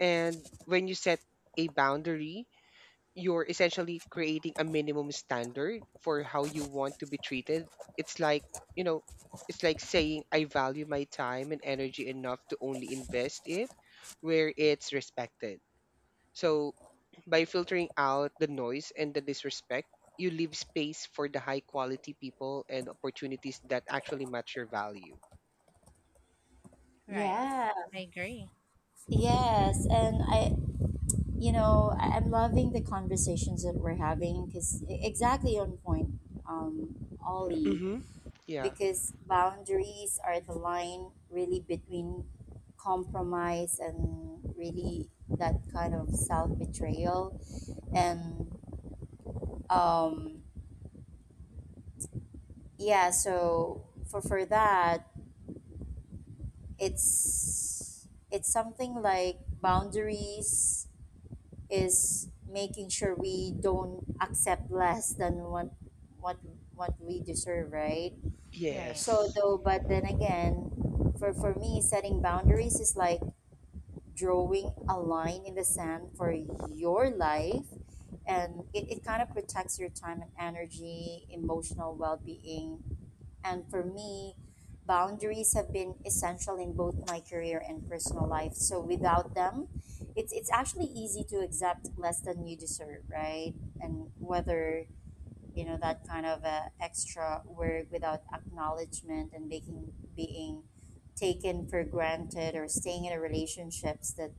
C: And when you set a boundary, you're essentially creating a minimum standard for how you want to be treated. It's like, you know, it's like saying I value my time and energy enough to only invest it where it's respected. So by filtering out the noise and the disrespect, you leave space for the high quality people and opportunities that actually match your value.
B: Right.
A: Yeah,
B: I agree.
A: yes. And I, you know, I'm loving the conversations that we're having because exactly on point, um, Ollie,
C: Mm-hmm. Yeah.
A: because boundaries are the line really between compromise and really that kind of self betrayal. And um, yeah, so for that, it's something like boundaries is making sure we don't accept less than what what we deserve, right?
B: Right.
A: So
C: Yes.
A: though, but then again, for me, setting boundaries is like drawing a line in the sand for your life, and it kind of protects your time and energy, emotional well being, and for me, boundaries have been essential in both my career and personal life. So without them, it's actually easy to accept less than you deserve, right? And whether you know that kind of extra work without acknowledgement and making being taken for granted or staying in a relationships that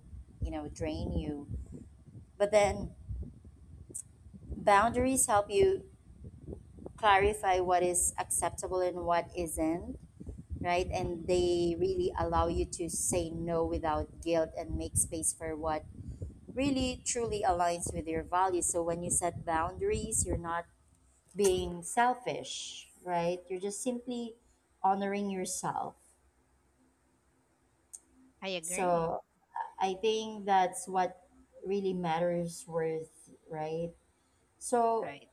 A: you know drain you. But then boundaries help you clarify what is acceptable and what isn't, right? And
B: Hmm.
A: they really allow you to say no without guilt and make space for what really truly aligns with your values. So when you set boundaries, you're not being selfish, right? You're just simply honoring yourself.
B: I
A: So
B: agree.
A: I think that's what really matters worth, right? So,
B: Right.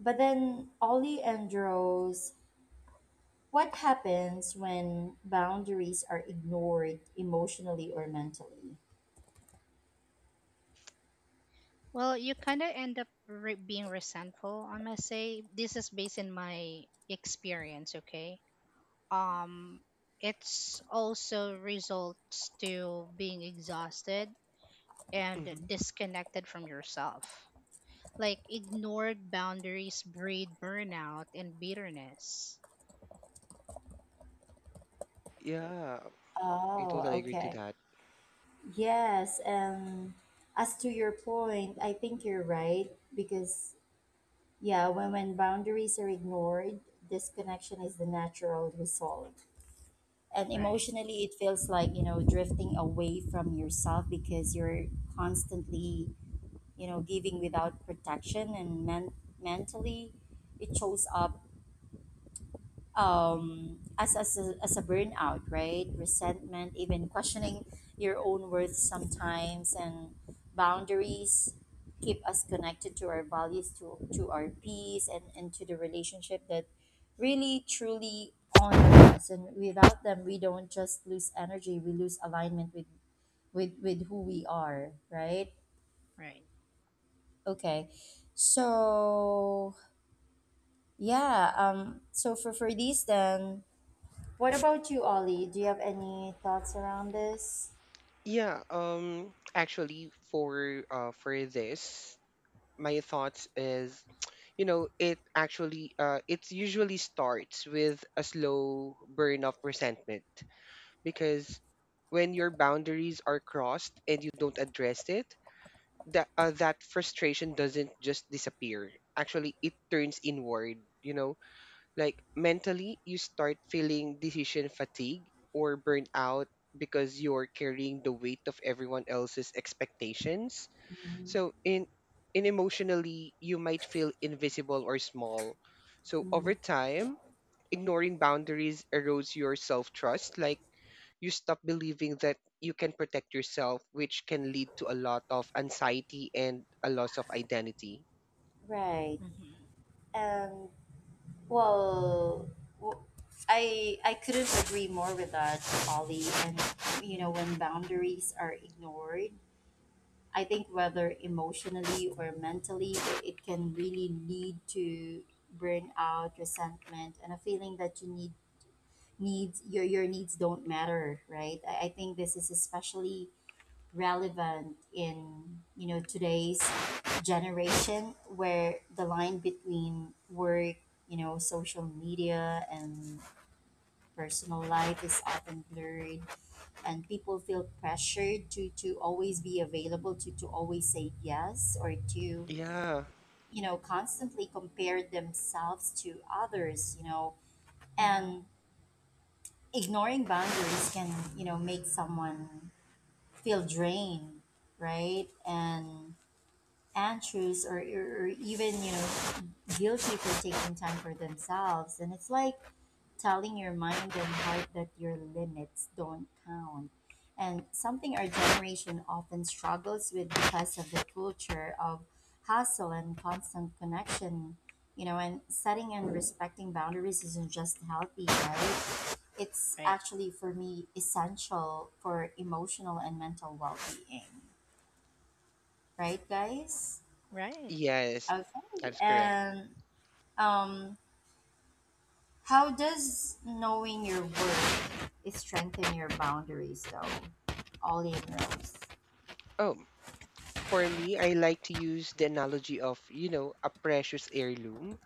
A: but then Ollie and Rose, what happens when boundaries are ignored emotionally or mentally?
B: Well, you kind of end up being resentful. I must say, this is based in my experience. Okay. Um, it's also results to being exhausted and
C: Mm-hmm.
B: disconnected from yourself. Like ignored boundaries breed burnout and bitterness.
C: Yeah, I
A: Oh,
C: totally agree to
A: okay.
C: that.
A: Yes, um, as to your point, I think you're right because yeah, when boundaries are ignored, disconnection is the natural result. And
B: Right.
A: emotionally it feels like, you know, drifting away from yourself because you're constantly, you know, giving without protection, and mentally it shows up as a burnout, right? Resentment, even questioning your own worth sometimes, and boundaries keep us connected to our values, to our peace, and to the relationship that really truly honor us. And without them, we don't just lose energy, we lose alignment with, with who we are, right?
B: Right.
A: Okay. So, yeah, so for these, then what about you, Ollie? Do you have any thoughts around this?
C: Yeah, actually for for this, my thoughts is, you know, it actually it usually starts with a slow burn of resentment because when your boundaries are crossed and you don't address it, that that frustration doesn't just disappear. Actually, it turns inward, you know, like mentally, you start feeling decision fatigue or burnout because you're carrying the weight of everyone else's expectations. So in emotionally, you might feel invisible or small. So over time, ignoring boundaries erodes your self-trust. Like you stop believing that you can protect yourself, which can lead to a lot of anxiety and a loss of identity.
A: Right.
B: Hmm.
A: Um, well, w- I couldn't agree more with that, Ollie. And you know, when boundaries are ignored, I think whether emotionally or mentally, it can really lead to burnout, resentment, and a feeling that your needs don't matter, right? I think this is especially relevant in, you know, today's generation where the line between work, you know, social media and personal life is often blurred and people feel pressured to always be available, to always say yes or to,
C: Yeah.
A: you know, constantly compare themselves to others, you know,
B: Hmm.
A: and ignoring boundaries can, you know, make someone feel drained, right, and anxious, or even, you know, guilty for taking time for themselves, and it's like telling your mind and heart that your limits don't count, and something our generation often struggles with because of the culture of hustle and constant connection, you know, and setting and respecting boundaries isn't just healthy, right, it's
B: Right.
A: actually for me essential for emotional and mental well-being, right guys?
B: Right.
C: Yes,
A: Okay,
C: that's correct.
A: and um, how does knowing your worth strengthen your boundaries, though, Ollie and Rose?
C: Oh, for me, I like to use the analogy of, you know, a precious heirloom.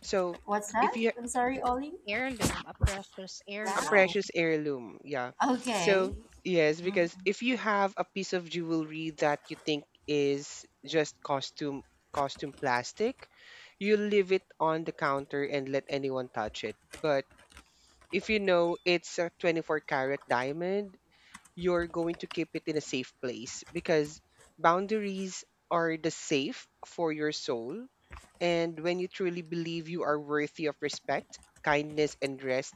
C: So
A: What's
C: if
A: that?
C: you
A: I'm sorry, Ollie.
B: Heirloom, a precious
C: a
B: heirloom.
A: Wow.
C: precious heirloom, yeah. So
A: Okay.
C: yes,
A: Mhm.
C: because if you have a piece of jewelry that you think is just costume plastic, you leave it on the counter and let anyone touch it. But if you know it's a 24 carat diamond, you're going to keep it in a safe place because boundaries are the safe for your soul. And when you truly believe you are worthy of respect, kindness, and rest,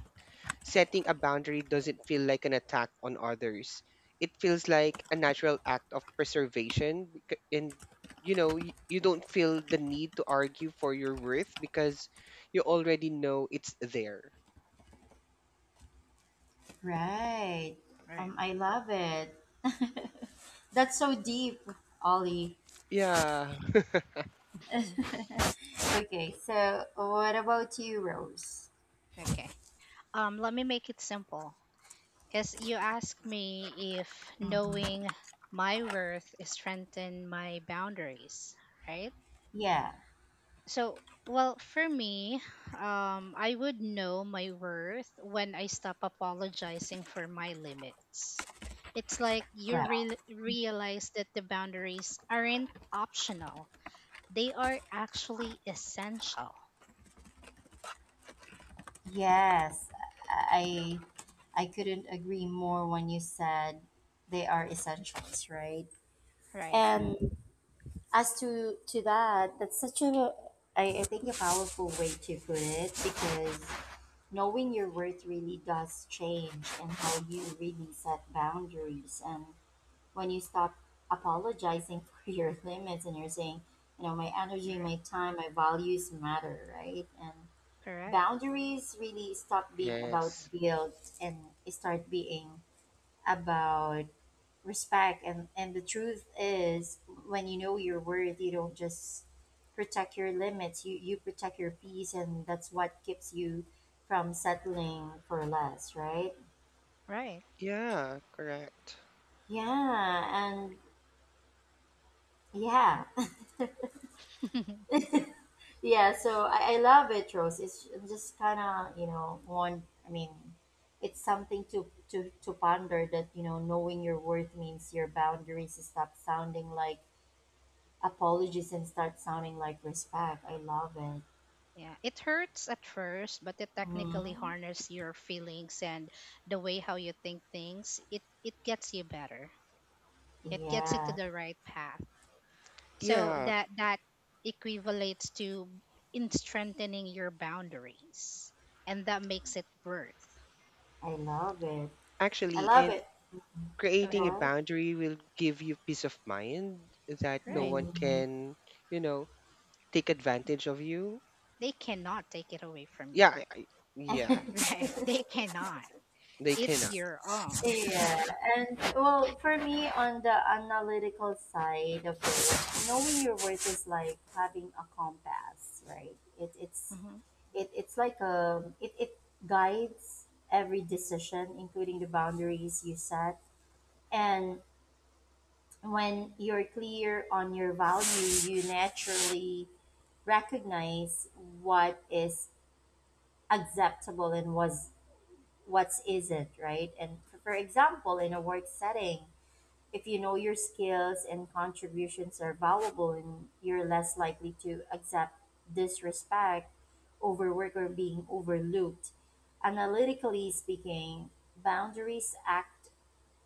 C: setting a boundary doesn't feel like an attack on others. It feels like a natural act of preservation. And, you know, you don't feel the need to argue for your worth because you already know it's there.
A: Right.
B: Right.
A: I love it. That's so deep, Ollie.
C: Yeah.
A: Okay, so what about you, Rose?
B: Okay. Let me make it simple. Because you asked me if
A: Mhm.
B: knowing my worth is strengthen my boundaries, right?
A: Yeah.
B: So, well, for me, I would know my worth when I stop apologizing for my limits. It's like you
A: Well,
B: realize that the boundaries aren't optional; they are actually essential.
A: yes, I I couldn't agree more when you said they are essentials, right?
B: Right.
A: And as to that, that's such a, I think, a powerful way to put it because knowing your worth really does change and how you really set boundaries, and when you stop apologizing for your limits and you're saying, you know, my energy,
B: Right.
A: my time, my values matter, right? And
B: Correct.
A: boundaries really stop being about
C: Yes.
A: guilt and start being about respect, and the truth is, when you know your worth, you don't just protect your limits, you protect your peace, and that's what keeps you from settling for less, right?
B: Right.
C: Yeah, correct.
A: Yeah. And yeah, yeah, so I love it, Rose. It's just kind of, you know, one, I mean, it's something to, to ponder, that, you know, knowing your worth means your boundaries stop sounding like apologies and start sounding like respect. I love it.
B: Yeah, it hurts at first, but it technically
A: Hmm.
B: harnesses your feelings and the way how you think things. It gets you better. It gets you to
A: Yeah,
B: the right path. So
C: Yeah,
B: that equivalates to in strengthening your boundaries, and that makes it worth.
A: I love it. I
C: actually,
A: love
C: and
A: it. Mhm.
B: Go
C: creating
B: ahead.
C: a
A: Go
C: boundary will give you peace of mind that no
B: Right.
C: one
A: ahead.
C: can, you know, take advantage of you.
B: They cannot take it away from
C: Yeah,
B: you.
C: yeah,
B: Right. They cannot.
C: they
B: It's
C: cannot.
B: your own.
A: Yeah, and well, for me, on the analytical side of it, knowing your worth is like having a compass, right?
B: Hmm.
A: It, it's like, um, it guides every decision, including the boundaries you set. And when you're clear on your value, you naturally recognize what is acceptable and was what's isn't, right? And for example, in a work setting, if you know your skills and contributions are valuable, and you're less likely to accept disrespect, overwork, or being overlooked. Analytically speaking, boundaries act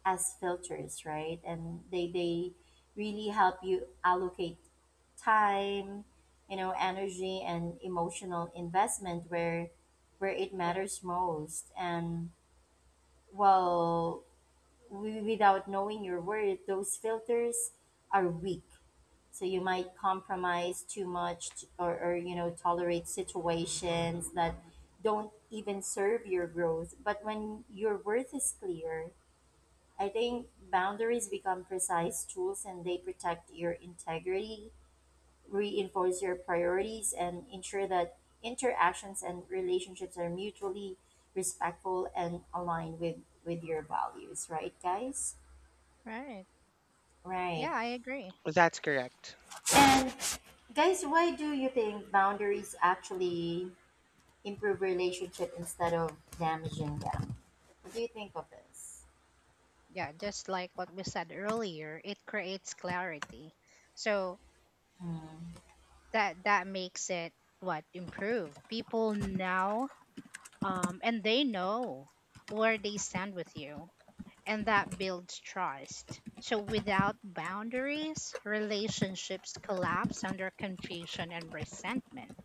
A: as filters, right? And they really help you allocate time, you know, energy and emotional investment where it matters most. And well, without knowing your worth, those filters are weak. So you might compromise too much, or you know, tolerate situations that don't even serve your growth. But when your worth is clear, I think boundaries become precise tools, and they protect your integrity, reinforce your priorities, and ensure that interactions and relationships are mutually respectful and aligned with your values, right, guys?
B: Right.
A: Right.
B: Yeah, I agree.
C: That's correct.
A: And guys, why do you think boundaries actually improve relationship instead of damaging them? What do you think of this?
B: Yeah, just like what we said earlier, it creates clarity, so that makes it, what, improve people now. And they know where they stand with you, and that builds trust. So without boundaries, relationships collapse under confusion and resentment.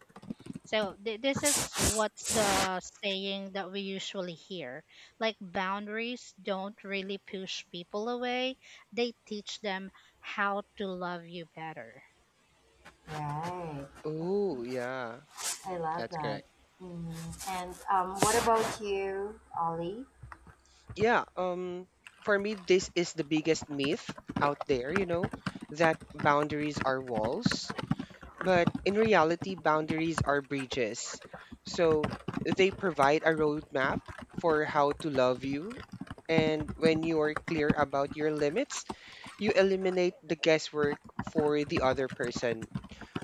B: So this is what's the saying that we usually hear. Like boundaries don't really push people away; they teach them how to love you better.
A: Right.
C: Oh, yeah,
A: I love
C: that's
A: that.
C: correct.
A: Mhm. And what about you, Ollie?
C: Yeah, for me this is the biggest myth out there, you know, that boundaries are walls. But in reality, boundaries are bridges. So they provide a roadmap for how to love you. And when you are clear about your limits, you eliminate the guesswork for the other person.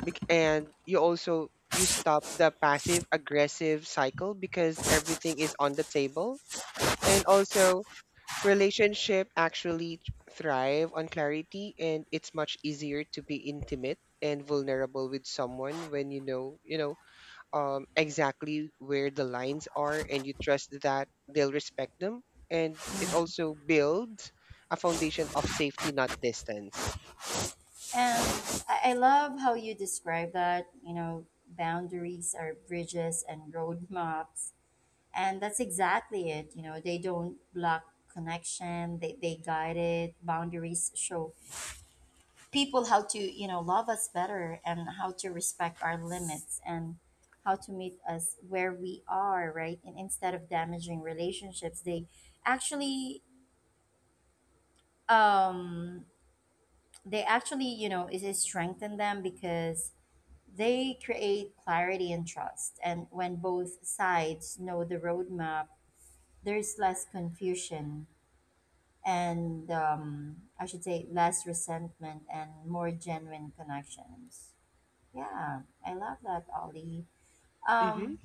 C: And you stop the passive aggressive cycle because everything is on the table. And also relationship actually thrive on clarity and it's much easier to be intimate and vulnerable with someone when you know, exactly where the lines are and you trust that they'll respect them. And it also builds a foundation of safety, not distance.
A: And I love how you describe that. You know, boundaries are bridges and roadmaps. And that's exactly it. You know, they don't block connection, they guide it. Boundaries show people how to, you know, love us better and how to respect our limits and how to meet us where we are, right, and instead of damaging relationships they actually, um, they actually, you know, is it strengthen them because they create clarity and trust, and when both sides know the roadmap there's less confusion and I should say less resentment and more genuine connections. Yeah, I love that, Ollie.
C: Mhm.
A: Um,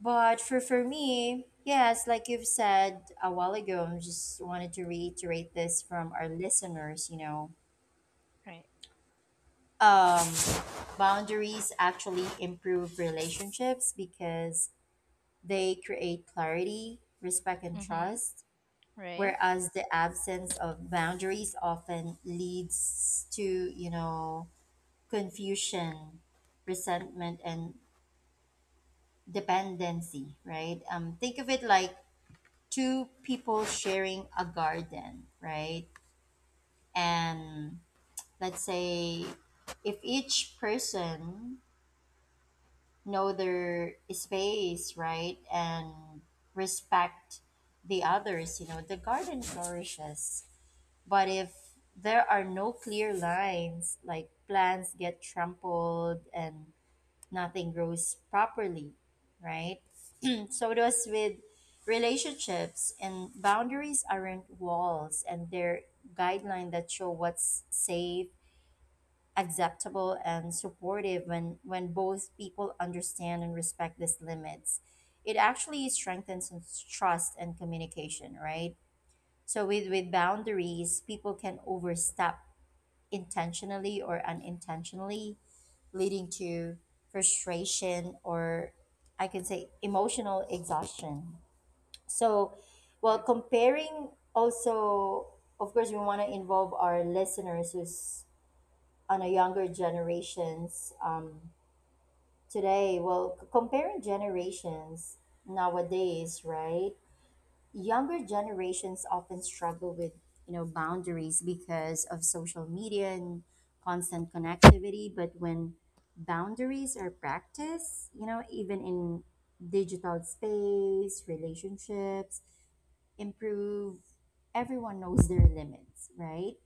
A: but for me, yes, like you've said a while ago, I just wanted to reiterate this from our listeners. You know,
B: Right.
A: um, boundaries actually improve relationships because they create clarity, respect, and
B: Mm-hmm.
A: trust.
B: Right.
A: Whereas the absence of boundaries often leads to, you know, confusion, resentment, and dependency, right? Think of it like two people sharing a garden, right? And let's say if each person know their space, right, and respect the others, you know, the garden flourishes. But if there are no clear lines, like plants get trampled and nothing grows properly, right? So it was with relationships, and boundaries aren't walls, and they're guidelines that show what's safe, acceptable and supportive when both people understand and respect these limits. It actually strengthens and trust and communication, right? So with boundaries, people can overstep intentionally or unintentionally, leading to frustration or I can say emotional exhaustion. So, while
B: Yeah.
A: comparing, also, of course, we want to involve our listeners who's on a younger generations today. Well, comparing generations nowadays, right? Younger generations often struggle with, you know, boundaries because of social media and constant connectivity, but when boundaries are practiced, you know, even in digital space, relationships improve, everyone knows their limits, right,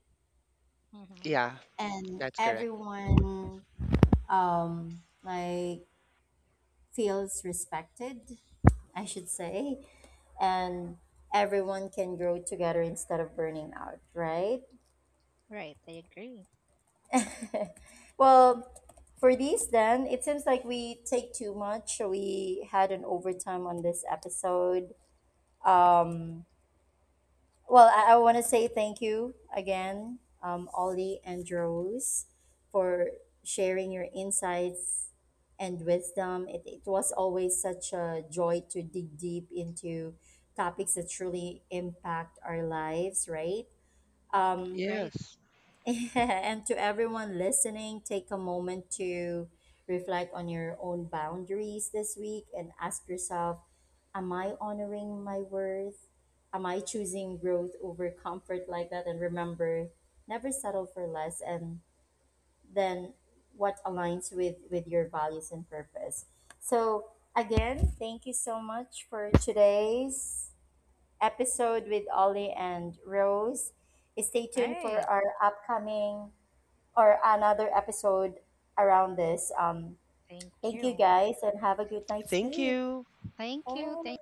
B: Mm-hmm.
C: Yeah,
A: and
C: that's correct.
A: everyone, um, like feels respected, I should say, and everyone can grow together instead of burning out, right?
B: Right. I agree.
A: Well, for these, then, it seems like we take too much. We had an overtime on this episode. Um, Well, I want to say thank you again, Ollie and Rose, for sharing your insights and wisdom. It was always such a joy to dig deep into topics that truly impact our lives, right? Um,
B: Right.
C: Yes.
A: and to everyone listening, take a moment to reflect on your own boundaries this week and ask yourself, am I honoring my worth? Am I choosing growth over comfort like that? And remember, never settle for less and then what aligns with your values and purpose. So,
B: Right.
A: again, thank you so much for today's episode with Ollie and Rose. Stay tuned for
B: Right.
A: our upcoming or another episode around this.
B: Thank
A: Thank you
B: you.
A: guys and have a good night's
C: Thank
A: sleep.
C: you.
B: Thank you.
A: Bye.